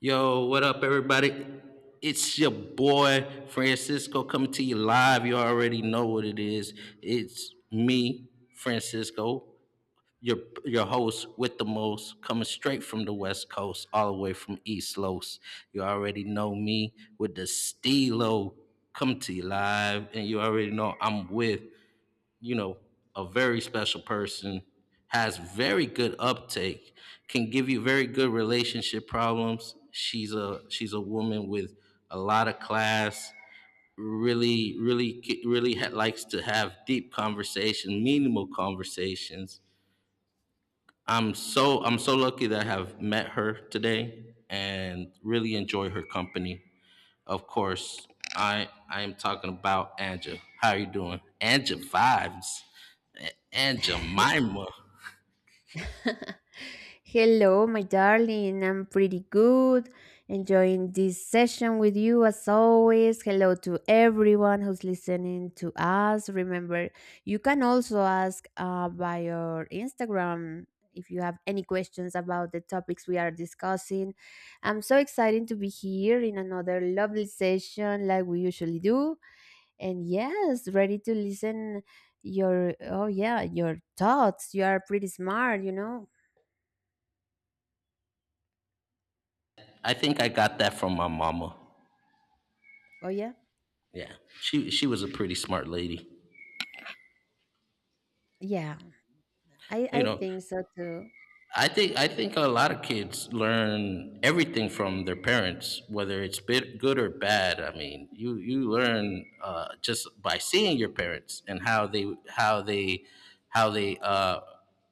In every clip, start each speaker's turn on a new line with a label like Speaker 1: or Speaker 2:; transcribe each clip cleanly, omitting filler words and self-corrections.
Speaker 1: Yo, what up, everybody? It's your boy Francisco coming to you live. You already know what it is. It's me, Francisco, your your host with the most, coming straight from the West Coast, all the way from East Los. You already know me with the steelo coming to you live, and you already know I'm with you know, a very special person, has very good uptake, can give you very good relationship problems. She's a woman with a lot of class. Really, really, likes to have deep conversation, meaningful conversations. I'm so lucky that I have met her today and really enjoy her company. Of course, I am talking about Anja. How are you doing? Anja vibes. Anja Mima.
Speaker 2: Hello, my darling. I'm pretty good. Enjoying this session with you as always. Hello to everyone who's listening to us. Remember, you can also ask by your Instagram if you have any questions about the topics we are discussing. I'm so excited to be here in another lovely session like we usually do. And yes, ready to listen your thoughts. You are pretty smart, you know.
Speaker 1: I think I got that from my mama.
Speaker 2: Oh yeah?
Speaker 1: Yeah. She was a pretty smart lady.
Speaker 2: Yeah, I,
Speaker 1: You
Speaker 2: I
Speaker 1: know,
Speaker 2: think so too.
Speaker 1: I think a lot of kids learn everything from their parents, whether it's bit good or bad. I mean, you learn just by seeing your parents and how they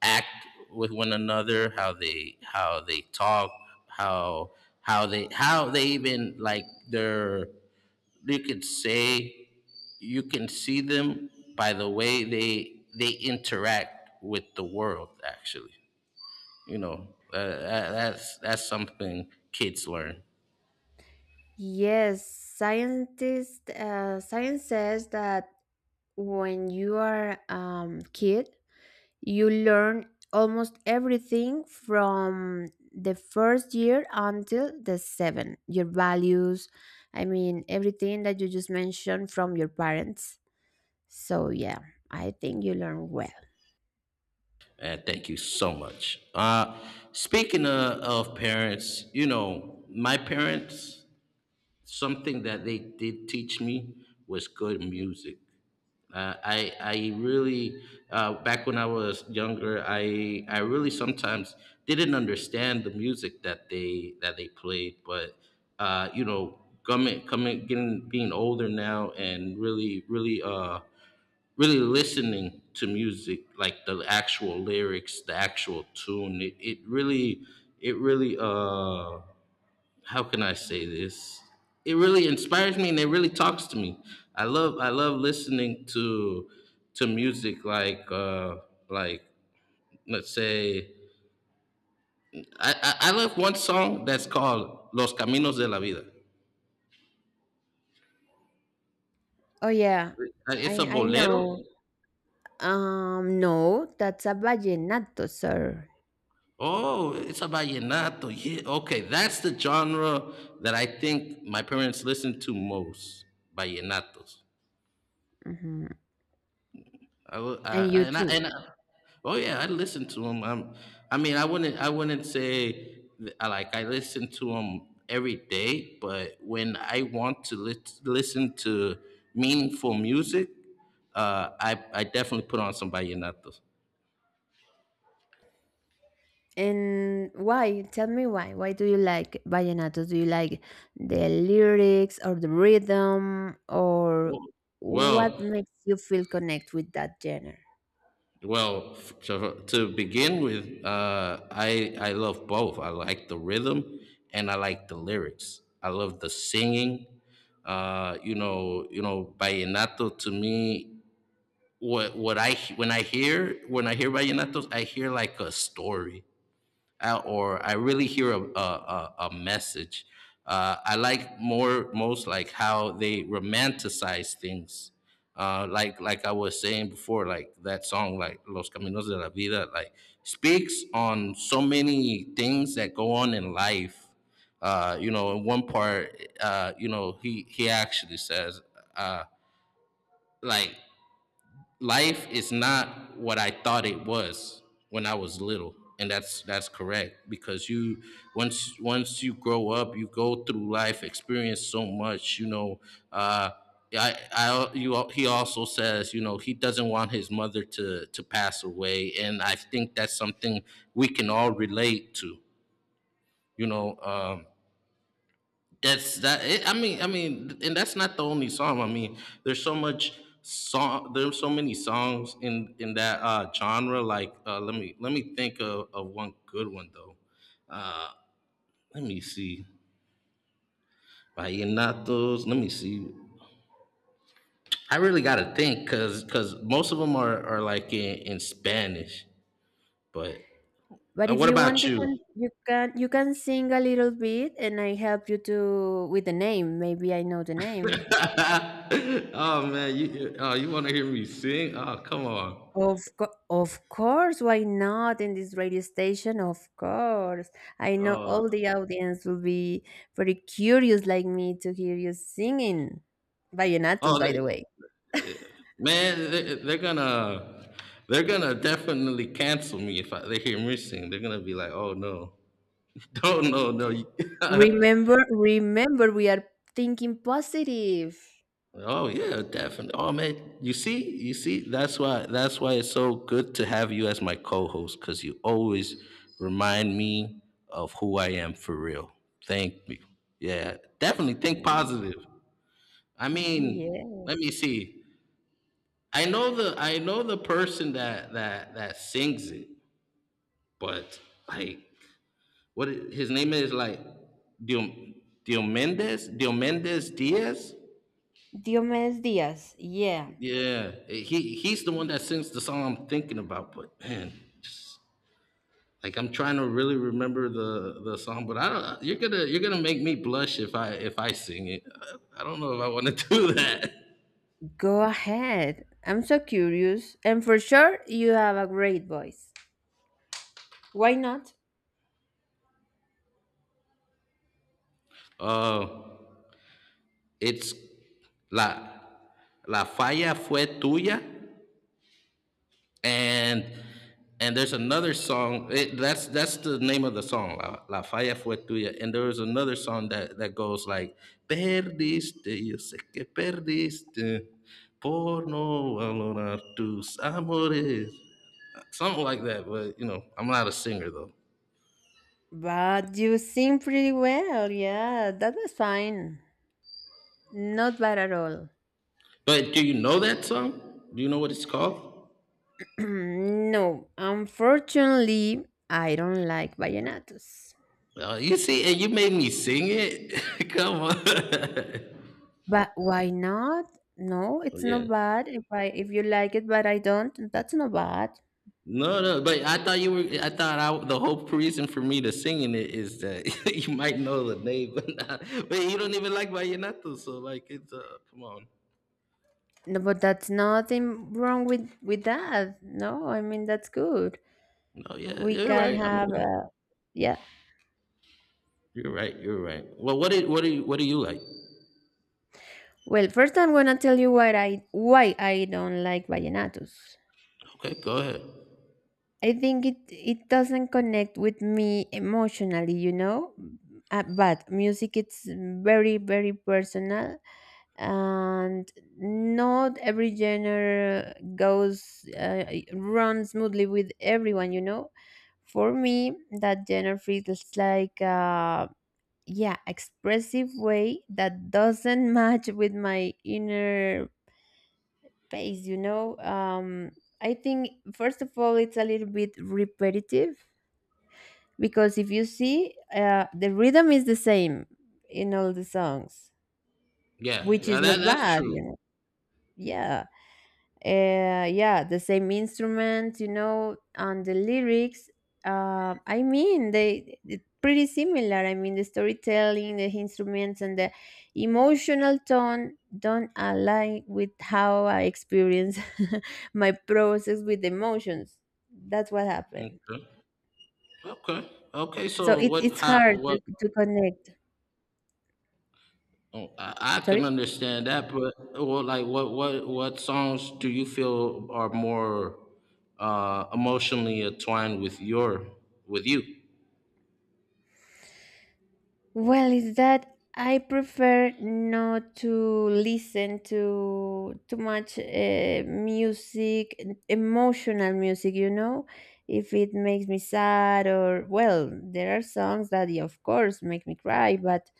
Speaker 1: act with one another, how they talk, how how they even like their, you could say, you can see them by the way they interact with the world actually. That's something kids learn.
Speaker 2: Yes, scientists science says that when you are kid, you learn almost everything from the first year until the seven. Your values, I mean everything that you just mentioned from your parents. So yeah, I think you learn well.
Speaker 1: And thank you so much. Speaking of parents, you know, my parents, something that they did teach me was good music. I really back when I was younger, I really sometimes didn't understand the music that they played, but you know, coming coming getting being older now and really listening to music, like the actual lyrics, the actual tune. It it, really it really how can I say this it really inspires me and it really talks to me. I love listening to music, like like, let's say, I love one song that's called los caminos de la vida.
Speaker 2: Oh yeah,
Speaker 1: It's
Speaker 2: I
Speaker 1: a
Speaker 2: I
Speaker 1: bolero.
Speaker 2: know. No, that's a vallenato, sir.
Speaker 1: Oh, it's a vallenato. Yeah, okay, that's the genre that I think my parents listened to most. Vallenatos.
Speaker 2: Hmm.
Speaker 1: I, wo- I-
Speaker 2: And you
Speaker 1: and I, and I,
Speaker 2: too.
Speaker 1: oh yeah, I listened to them. I mean, I wouldn't say I listen to them every day, but when I want to listen to meaningful music, I definitely put on some vallenatos.
Speaker 2: And why? Tell me why. Why do you like vallenatos? Do you like the lyrics or the rhythm or what
Speaker 1: Well,
Speaker 2: makes you feel connect with that genre?
Speaker 1: Well, so to begin with, I love both. I like the rhythm and I like the lyrics. I love the singing. Vallenato to me. What I when I hear vallenatos, I hear like a story, or I really hear a message. I like more most like how they romanticize things. Like I was saying before, like that song, like Los Caminos de la Vida, like speaks on so many things that go on in life. In one part, he actually says, uh, like, life is not what I thought it was when I was little, and that's correct because you once once you grow up, you go through life, experience so much. You know, uh, I you al- he also says he doesn't want his mother to pass away, and I think that's something we can all relate to. You know. That's that. I mean, and that's not the only song. I mean, there's so much song. There's so many songs in that genre. Like, let me think of one good one though. Let me see. Vallenatos. Let me see. I really gotta think because most of them are like in Spanish. But
Speaker 2: But if
Speaker 1: what
Speaker 2: you want,
Speaker 1: about
Speaker 2: you
Speaker 1: you?
Speaker 2: can you can sing a little bit, and I help you to with the name. Maybe I know the name.
Speaker 1: Oh man, you want to hear me sing? Oh, come on.
Speaker 2: Of course, why not in this radio station? Of course. I know
Speaker 1: Oh
Speaker 2: all the audience will be very curious like me to hear you singing. Vallenatos, by the
Speaker 1: oh.
Speaker 2: way.
Speaker 1: Man, they're gonna definitely cancel me if they hear me sing. They're gonna be like, "Oh no, oh no, no."
Speaker 2: Remember, we are thinking positive.
Speaker 1: Oh yeah, definitely. Oh man, you see, that's why it's so good to have you as my co-host because you always remind me of who I am for real. Thank you. Yeah, definitely think
Speaker 2: Mm.
Speaker 1: positive. I mean,
Speaker 2: Yeah.
Speaker 1: let me see. I know the person that sings it, but like, his name is like Diom Diomedes Diaz.
Speaker 2: Diomedes Diaz. Yeah.
Speaker 1: Yeah, he's the one that sings the song I'm thinking about. But man, just like, I'm trying to really remember the song, but I don't. You're gonna make me blush if I sing it. I don't know if I want to do that.
Speaker 2: Go ahead. I'm so curious. And for sure, you have a great voice. Why not?
Speaker 1: Uh, it's la la falla fue tuya. and and there's another song, that's the name of the song, la falla fue tuya. And there was another song that goes like, perdiste, yo sé que perdiste, por no valorar tus amores, something like that. But you know, I'm not a singer though.
Speaker 2: But you sing pretty well. Yeah, that was fine. Not bad at all.
Speaker 1: But do you know that song? Do you know what it's called?
Speaker 2: No, unfortunately, I don't like vallenatos.
Speaker 1: You see, and you made me sing it. Come on.
Speaker 2: But why not? No, it's
Speaker 1: Yeah.
Speaker 2: not bad. If you like it, but I don't, that's not bad.
Speaker 1: No, no, but I thought you were. The whole reason for me to singing it is that you might know the name, but you don't even like vallenato, so like it's come on.
Speaker 2: No, but that's nothing wrong with that. No, I mean that's good.
Speaker 1: No, yeah,
Speaker 2: We
Speaker 1: you're
Speaker 2: can
Speaker 1: right. I
Speaker 2: have
Speaker 1: mean,
Speaker 2: yeah.
Speaker 1: you're right. You're right. Well, what do you like?
Speaker 2: Well, first I'm gonna tell you why I don't like vallenatos.
Speaker 1: Okay, go ahead.
Speaker 2: I think it doesn't connect with me emotionally, you know. But music it's very very personal, and not every genre goes runs smoothly with everyone, you know. For me, that genre feels like yeah, expressive way that doesn't match with my inner pace, you know. I think first of all, it's a little bit repetitive because if you see the rhythm is the same in all the songs,
Speaker 1: Yeah,
Speaker 2: which
Speaker 1: yeah,
Speaker 2: is
Speaker 1: that
Speaker 2: not
Speaker 1: that's
Speaker 2: bad,
Speaker 1: true.
Speaker 2: you know. Yeah. Yeah, the same instrument, you know, and the lyrics I mean they it's pretty similar. I mean the storytelling, the instruments, and the emotional tone don't align with how I experience my process with emotions. That's what happened.
Speaker 1: Okay, okay, okay.
Speaker 2: So
Speaker 1: So
Speaker 2: it,
Speaker 1: what?
Speaker 2: it's
Speaker 1: How?
Speaker 2: hard to,
Speaker 1: What?
Speaker 2: to connect.
Speaker 1: Oh, I can
Speaker 2: Sorry.
Speaker 1: understand that, but well, like, what songs do you feel are more emotionally entwined with your with you?
Speaker 2: Well, is that I prefer not to listen to too much music, emotional music, you know, if it makes me sad or, well, there are songs that, yeah, of course, make me cry, but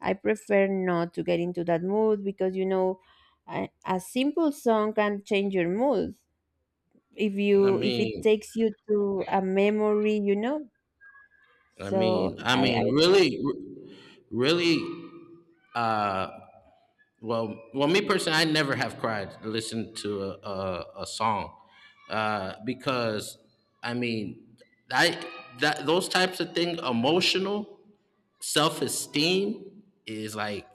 Speaker 2: I prefer not to get into that mood because, you know, a simple song can change your mood
Speaker 1: I
Speaker 2: if it
Speaker 1: mean,
Speaker 2: takes you to a memory, you know. So
Speaker 1: I
Speaker 2: I, I,
Speaker 1: mean, really, really. Uh, well, me personally, I never have cried to listen to a song, because, I mean, I that those types of things, emotional self esteem, is like,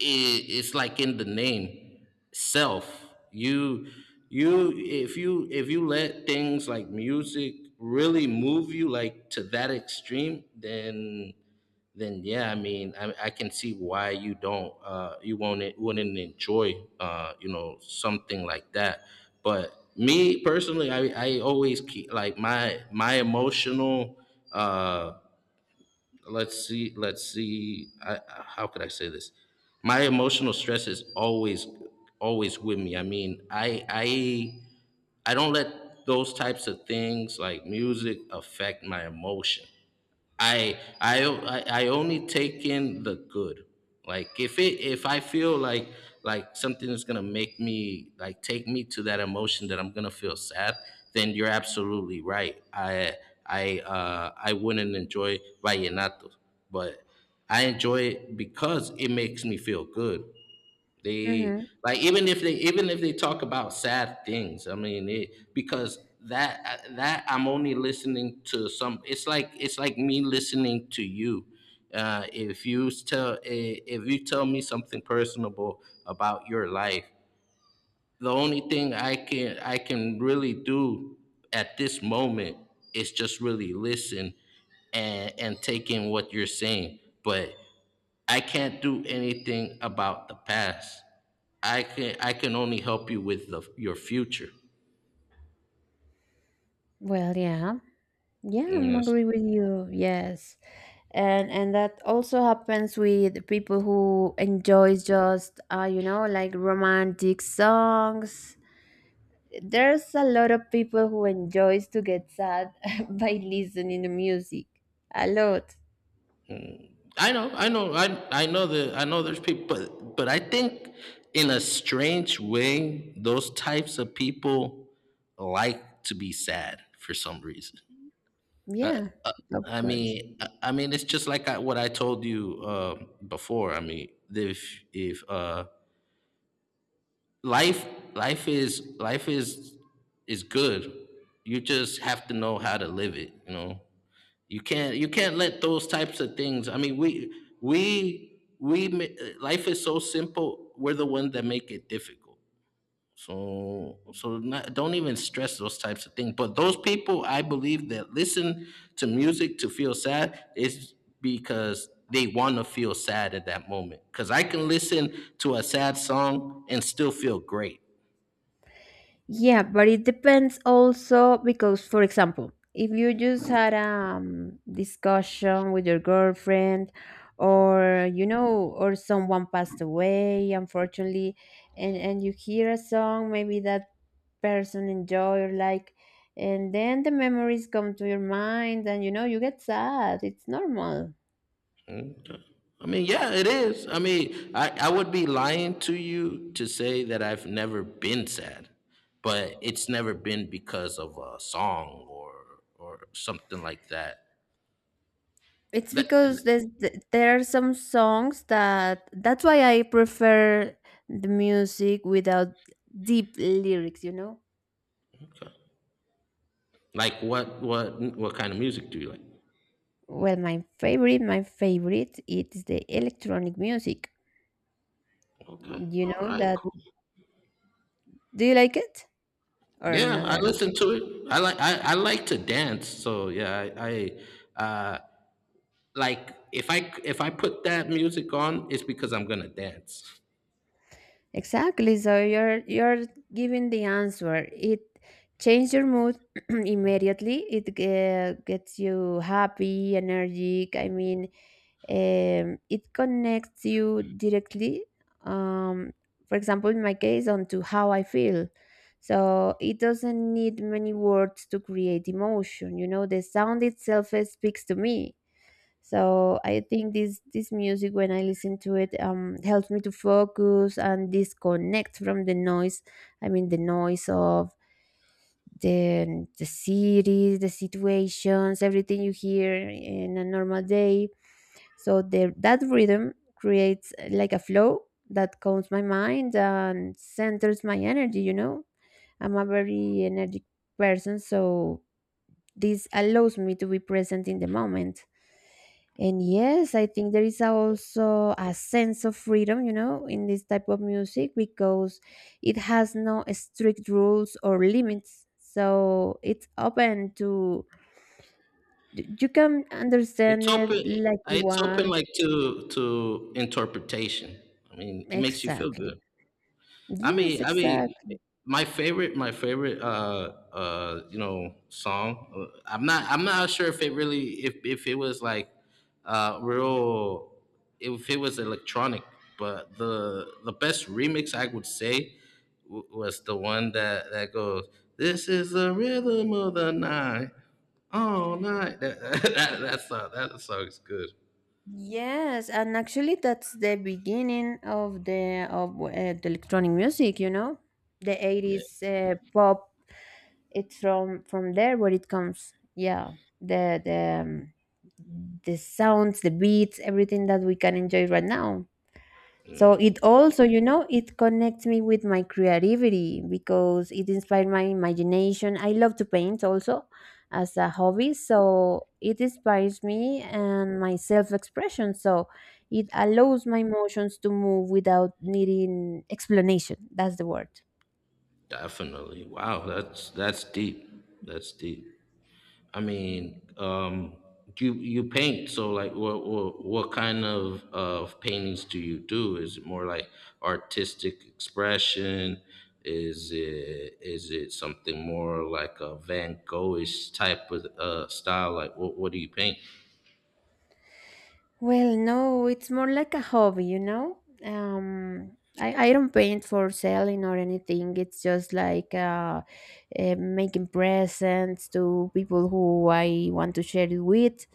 Speaker 1: it's like in the name, self. you you If you let things like music really move you like to that extreme, then yeah, I mean, I can see why you don't you won't wouldn't enjoy, something like that. But me personally, I always keep like my emotional, uh let's see, how could I say this? My emotional stress is always, always with me. I mean, I don't let those types of things like music affect my emotion. I only take in the good. Like, if I feel like something is gonna make me like take me to that emotion that I'm gonna feel sad, then you're absolutely right. I wouldn't enjoy vallenato, but I enjoy it because it makes me feel good. They,
Speaker 2: mhm.
Speaker 1: like, even if they talk about sad things. I mean, because that I'm only listening to some. It's like me listening to you. If you tell me something personable about your life, the only thing I can really do at this moment is just really listen and take in what you're saying. But I can't do anything about the past. I can only help you with your future.
Speaker 2: Well, yeah. Yeah, I'm
Speaker 1: Yes.
Speaker 2: agree with you. Yes, and that also happens with people who enjoy just you know like romantic songs. There's a lot of people who enjoys to get sad by listening to music. A lot.
Speaker 1: I know, I know, I know that I know there's people, but I think in a strange way, those types of people like to be sad for some reason.
Speaker 2: Yeah, of
Speaker 1: I
Speaker 2: course.
Speaker 1: mean, I mean, it's just like, what I told you before. I mean, if life life is good. You just have to know how to live it, you know. You can't let those types of things. I mean, life is so simple, we're the ones that make it difficult. So so not, don't even stress those types of things. But those people, I believe, that listen to music to feel sad is because they want to feel sad at that moment, because I can listen to a sad song and still feel great.
Speaker 2: Yeah, but it depends also because, for example, if you just had a discussion with your girlfriend, or you know, or someone passed away, unfortunately, and you hear a song, maybe that person enjoy or like, and then the memories come to your mind, and you know, you get sad. It's normal.
Speaker 1: I mean, yeah, it is. I mean, I would be lying to you to say that I've never been sad, but it's never been because of a song, or something like that.
Speaker 2: It's
Speaker 1: That
Speaker 2: because there are some songs that's why I prefer the music without deep lyrics, you know?
Speaker 1: okay. Like, what kind of music do you like?
Speaker 2: Well, my favorite, it is the electronic music.
Speaker 1: Okay,
Speaker 2: You
Speaker 1: all
Speaker 2: know
Speaker 1: right,
Speaker 2: that,
Speaker 1: cool.
Speaker 2: do you like it or
Speaker 1: Yeah,
Speaker 2: not
Speaker 1: I
Speaker 2: at all?
Speaker 1: listen to it. I like to dance, so yeah, I like, if I put that music on, it's because I'm gonna dance.
Speaker 2: Exactly. So you're giving the answer. It changes your mood immediately. It gets you happy, energetic. I mean, it connects you directly, um, for example, in my case, onto how I feel. So it doesn't need many words to create emotion. You know, the sound itself speaks to me. So I think this music, when I listen to it, helps me to focus and disconnect from the noise. I mean, the noise of the cities, the situations, everything you hear in a normal day, so that rhythm creates like a flow that calms my mind and centers my energy, you know? I'm a very energetic person, so this allows me to be present in the moment. And yes, I think there is also a sense of freedom, you know, in this type of music because it has no strict rules or limits. So it's open to, you can
Speaker 1: It's
Speaker 2: understand it
Speaker 1: open.
Speaker 2: like you
Speaker 1: It's open
Speaker 2: want.
Speaker 1: like to interpretation. I mean, it makes you feel
Speaker 2: Exactly.
Speaker 1: good. I
Speaker 2: Yes,
Speaker 1: mean, I mean,
Speaker 2: exactly.
Speaker 1: my favorite, you know, song. I'm not sure if it really, if it was like, real, if it was electronic. But the best remix I would say was the one that goes, "This is the rhythm of the night, all night." That that song is good.
Speaker 2: Yes, and actually that's the beginning of the electronic music, you know? The
Speaker 1: Yeah,
Speaker 2: 80s pop, it's from there where it comes. Yeah. The the um, the sounds, the beats, everything that we can enjoy right now. So it also, you know, it connects me with my creativity because it inspired my imagination. I love to paint also as a hobby, so it inspires me and my self-expression. So it allows my emotions to move without needing explanation. That's the word.
Speaker 1: definitely. Wow, that's deep. That's deep. I mean, you you paint. So like, what kind of paintings do you do? Is it more like artistic expression? Is it something more like a Van Goghish type of style? Like, what do you paint?
Speaker 2: Well, no, it's more like a hobby, you know? Um, I don't paint for selling or anything. It's just like making presents to people who I want to share it with,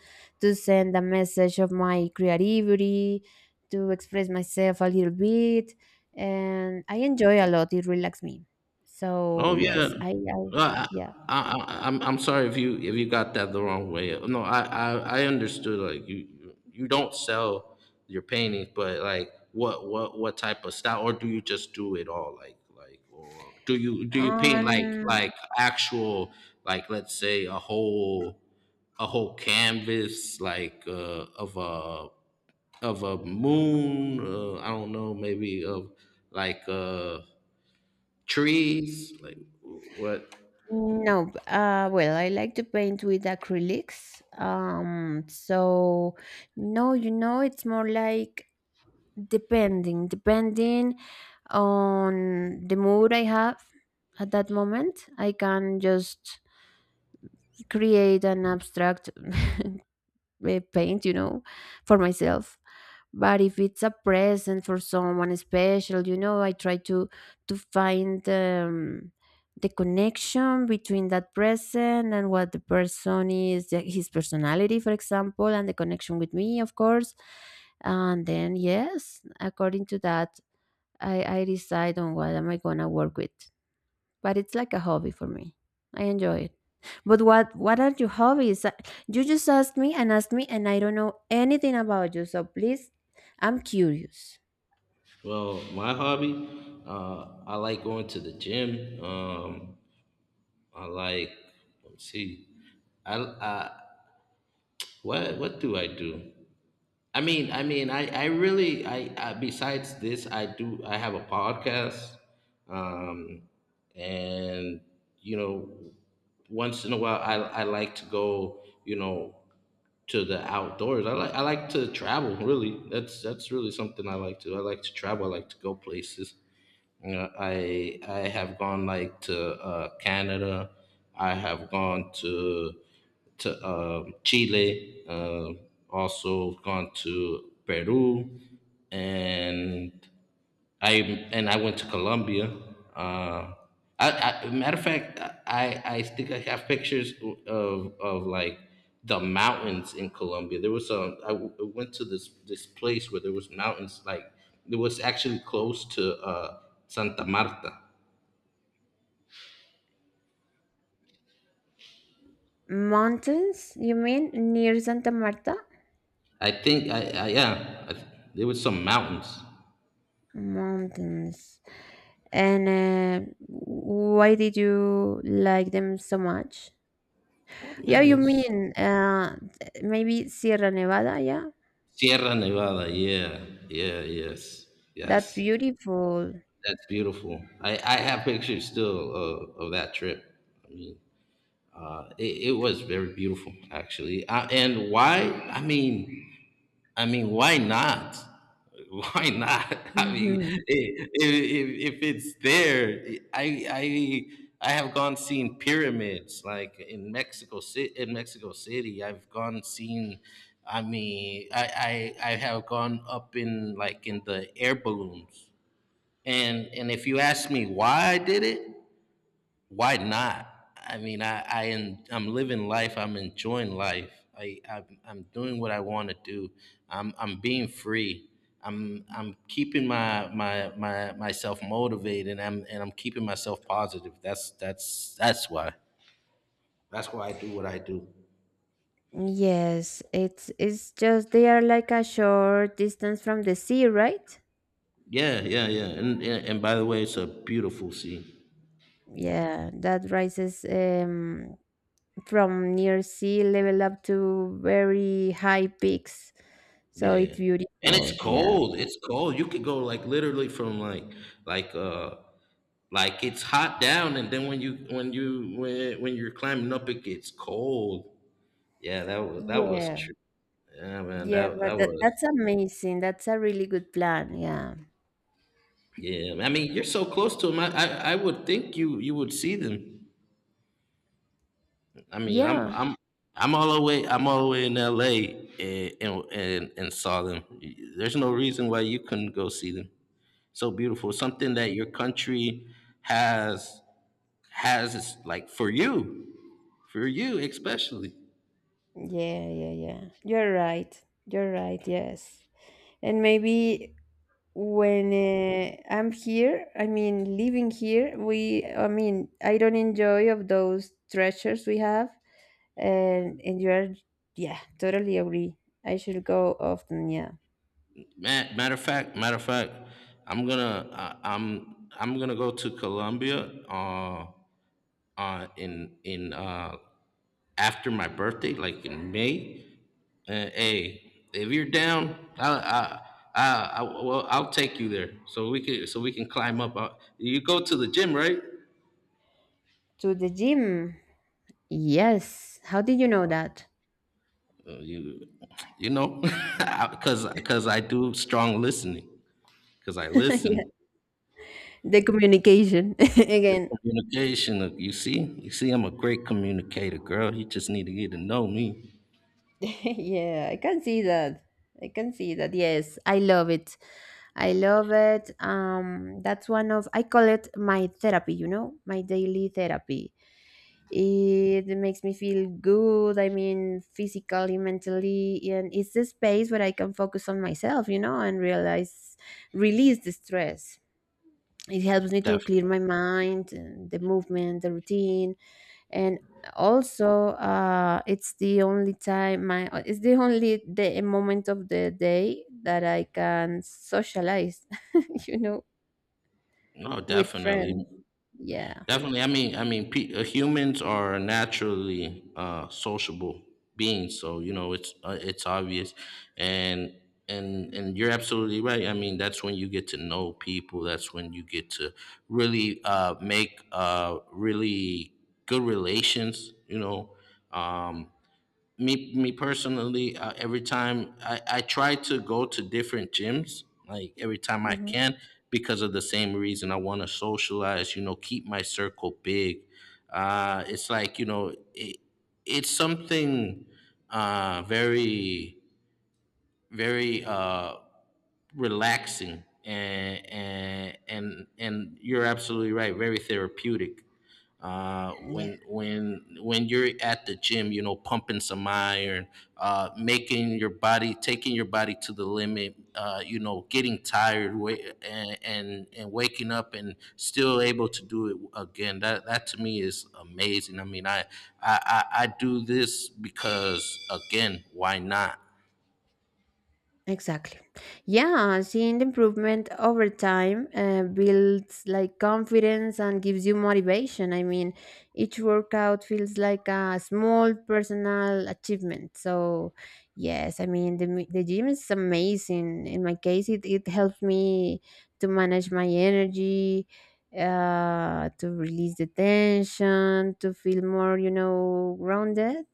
Speaker 2: to send a message of my creativity, to express myself a little bit. And I enjoy a lot. It relaxes me. So,
Speaker 1: Oh yeah.
Speaker 2: yes, I
Speaker 1: Uh, I,
Speaker 2: yeah.
Speaker 1: I'm sorry if you got that the wrong way. No, I understood. Like you don't sell your paintings, but like what type of style, or do you just do it all? Like or do you paint
Speaker 2: Um,
Speaker 1: like actual like let's say a whole canvas like of a moon? I don't know, maybe of like trees like what.
Speaker 2: No, well, I like to paint with acrylics. So no, you know, it's more like depending on the mood I have at that moment. I can just create an abstract paint, you know, for myself. But if it's a present for someone special, you know, I try to find the connection between that present and what the person is, his personality, for example, and the connection with me, of course. And then, yes, according to that, I decide on what am I gonna work with. But it's like a hobby for me. I enjoy it. But what are your hobbies? You just asked me, and I don't know anything about you. So please, I'm curious.
Speaker 1: Well, my hobby, I like going to the gym. I like, let's see, I what do I do? I really I besides this, I have a podcast, um, and you know, once in a while, I like to go, you know, to the outdoors. I like to travel. Really, that's really something I like to. I like to travel. I like to go places. You I have gone like to Canada. I have gone to Chile. Also gone to Peru and I I went to Colombia. Uh, I, Matter of fact, I think I have pictures of like the mountains in Colombia. There was a I went to this place where there was mountains. Like it was actually close to Santa Marta.
Speaker 2: Mountains? You mean near Santa Marta?
Speaker 1: I think I Yeah. There was some mountains.
Speaker 2: Mountains. And why did you like them so much?
Speaker 1: Oh
Speaker 2: Yeah,
Speaker 1: man,
Speaker 2: you
Speaker 1: it's
Speaker 2: mean maybe Sierra Nevada? Yeah,
Speaker 1: Sierra Nevada. Yeah, yeah, yes,
Speaker 2: that's
Speaker 1: yes.
Speaker 2: beautiful.
Speaker 1: That's beautiful. I have pictures still of that trip. I mean, it was very beautiful, actually. And why? Why not? Why not? I mean,
Speaker 2: Mhm.
Speaker 1: if it's there, I have gone seen pyramids like in Mexico City. In Mexico City, I've gone seen. I mean, I have gone up in like in the air balloons and if you ask me why I did it, why not? I mean, I'm living life. I'm enjoying life. I'm doing what I want to do. I'm being free. I'm keeping my my my myself motivated. And I'm keeping myself positive. That's that's why. That's why I do what I do.
Speaker 2: Yes, it's just they are like a short distance from the sea, right?
Speaker 1: Yeah, yeah, yeah. And and by the way, it's a beautiful scene.
Speaker 2: Yeah, that rises from near sea level up to very high peaks. So
Speaker 1: Yeah.
Speaker 2: it's
Speaker 1: And it's
Speaker 2: beautiful. Yeah.
Speaker 1: cold. It's cold. You could go like literally from like like it's hot down, and then when you when you when you're climbing up, it gets cold. Yeah, that was
Speaker 2: Yeah.
Speaker 1: true. Yeah, man,
Speaker 2: Yeah,
Speaker 1: that
Speaker 2: but
Speaker 1: that
Speaker 2: that,
Speaker 1: was.
Speaker 2: that's amazing. That's a really good plan. Yeah.
Speaker 1: Yeah, I mean, you're so close to them. I would think you would see them. I mean,
Speaker 2: Yeah.
Speaker 1: I'm all the way in L.A. and and saw them. There's no reason why you couldn't go see them. So beautiful, something that your country has is like for you especially.
Speaker 2: Yeah, yeah, yeah. You're right. You're right. Yes. And maybe when I'm here, I mean living here, we I mean I don't enjoy of those treasures we have, and you are, yeah, totally agree. I should go often, yeah.
Speaker 1: Matter of fact, I'm gonna go to Colombia in after my birthday, like in May. Hey, if you're down, well, I'll take you there, so we can climb up. You go to the gym, right?
Speaker 2: To the gym. Yes. How did you know that?
Speaker 1: You, you know, because I do strong listening, because I
Speaker 2: Yeah.
Speaker 1: listen.
Speaker 2: The communication
Speaker 1: Your
Speaker 2: again.
Speaker 1: communication, you see, I'm a great communicator, girl. You just need to get to know me.
Speaker 2: Yeah, I can see that. I can see that. Yes, I love it. I love it. That's one of I call it my therapy. You know, my daily therapy. It makes me feel good. I mean, physically, mentally, and it's the space where I can focus on myself. You know, and realize release the stress. It helps me to clear
Speaker 1: Definitely,
Speaker 2: my mind, and the movement, the routine, and also it's the only time my it's the only day moment of the day that I can socialize, you know,
Speaker 1: no,
Speaker 2: with
Speaker 1: definitely,
Speaker 2: friends. Yeah.
Speaker 1: definitely. I mean, humans are naturally sociable beings, so you know it's obvious, and and you're absolutely right. I mean, that's when you get to know people. That's when you get to really make really good relations. You know. Um, me personally, every time I try to go to different gyms like every time I
Speaker 2: Hmm.
Speaker 1: can, because of the same reason. I want to socialize, you know, keep my circle big. It's like, you know, it's something very very relaxing and and you're absolutely right, very therapeutic
Speaker 2: Yeah.
Speaker 1: when you're at the gym, you know, pumping some iron, making your body, taking your body to the limit, you know, getting tired, and, and waking up and still able to do it again. That to me is amazing. I mean, I do this because, again, why not?
Speaker 2: Exactly. Yeah, seeing the improvement over time builds like confidence and gives you motivation. I mean, each workout feels like a small personal achievement. So, yes, I mean, the gym is amazing. In my case, it helps me to manage my energy, to release the tension, to feel more, you know, grounded.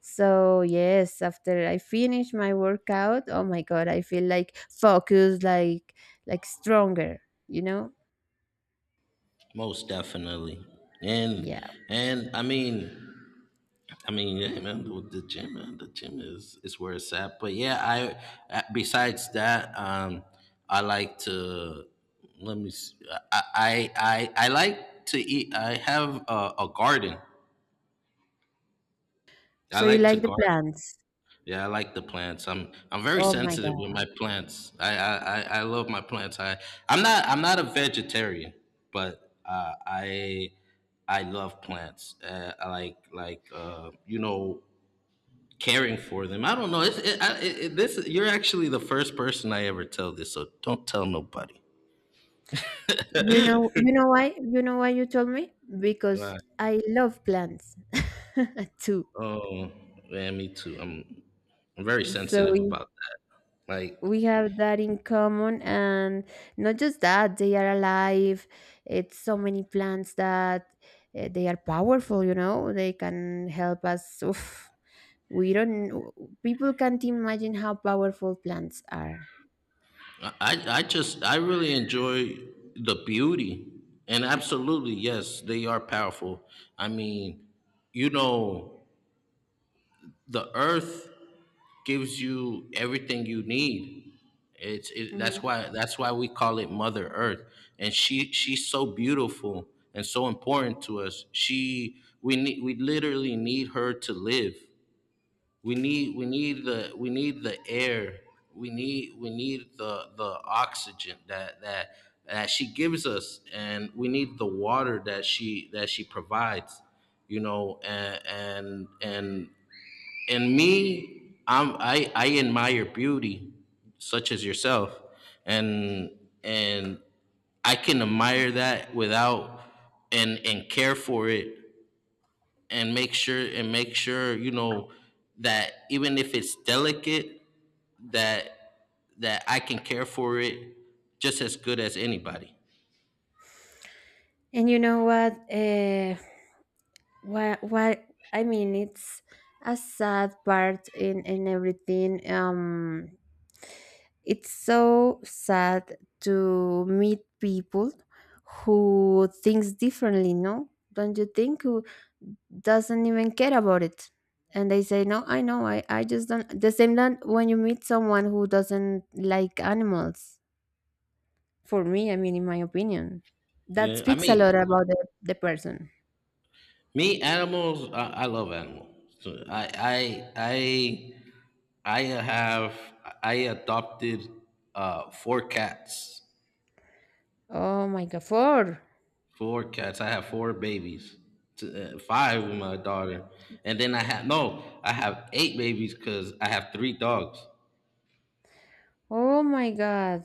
Speaker 2: So yes, after I finish my workout, oh my god, I feel like focused, like stronger, you know?
Speaker 1: Most definitely. And
Speaker 2: Yeah.
Speaker 1: I mean yeah, man, the gym, man, the gym is where it's at. But yeah, I, besides that, um, I like to, let me see, I like to eat. I have a garden. I
Speaker 2: So you
Speaker 1: like to
Speaker 2: like the
Speaker 1: garden.
Speaker 2: plants.
Speaker 1: Yeah, I like the plants. I'm very
Speaker 2: Oh my
Speaker 1: sensitive with
Speaker 2: god.
Speaker 1: my plants. I love my plants. I'm not a vegetarian, but I love plants. I like you know, caring for them. I don't know. It's, it, I, it- this you're actually the first person I ever tell this, so don't tell nobody.
Speaker 2: You know why? You know why you told me? Because
Speaker 1: Right.
Speaker 2: I love plants too.
Speaker 1: Oh man, me too. I'm very
Speaker 2: So
Speaker 1: sensitive
Speaker 2: we,
Speaker 1: about that. Like
Speaker 2: we have that in common, and not just that, they are alive. It's so many plants that they are powerful, you know? They can help us, oof. We don't, people can't imagine how powerful plants are.
Speaker 1: I just, I really enjoy the beauty. And absolutely, yes, they are powerful. I mean, you know, the earth gives you everything you need.
Speaker 2: Hmm.
Speaker 1: That's why we call it Mother Earth, and she's so beautiful and so important to us. She We need, we literally need her to live. We need we need the air. We need the oxygen that she gives us, and we need the water that she provides. You know, and and me, I admire beauty such as yourself, and and I can admire that without, and care for it, and make sure, you know, that even if it's delicate, that that I can care for it just as good as anybody.
Speaker 2: And you know what? What I mean, it's a sad part in everything. It's so sad to meet people who thinks differently. No, don't you think? Who doesn't even care about it, and they say, "No, I know, I just don't." The same that when you meet someone who doesn't like animals, for me, I mean, in my opinion, that
Speaker 1: Yeah, I
Speaker 2: speaks a lot
Speaker 1: mean,
Speaker 2: about the person.
Speaker 1: me animals. I love animals. So I have, I adopted four cats.
Speaker 2: Oh my god, four.
Speaker 1: Four cats. I have four babies. Five with my daughter, and then I have, no, I have eight babies because I have three dogs.
Speaker 2: Oh my god,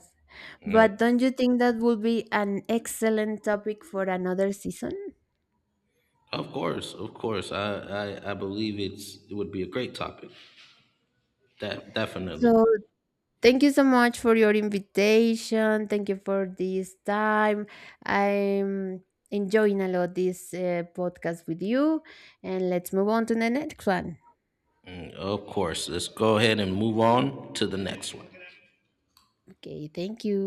Speaker 1: Yeah.
Speaker 2: but don't you think that would be an excellent topic for another season?
Speaker 1: Of course, of course. I believe it would be a great topic. That definitely.
Speaker 2: So thank you so much for your invitation, thank you for this time. I'm enjoying a lot this podcast with you, and let's move on to the next one.
Speaker 1: Mm, of course. Let's go ahead and move on to the next one.
Speaker 2: Okay, thank you.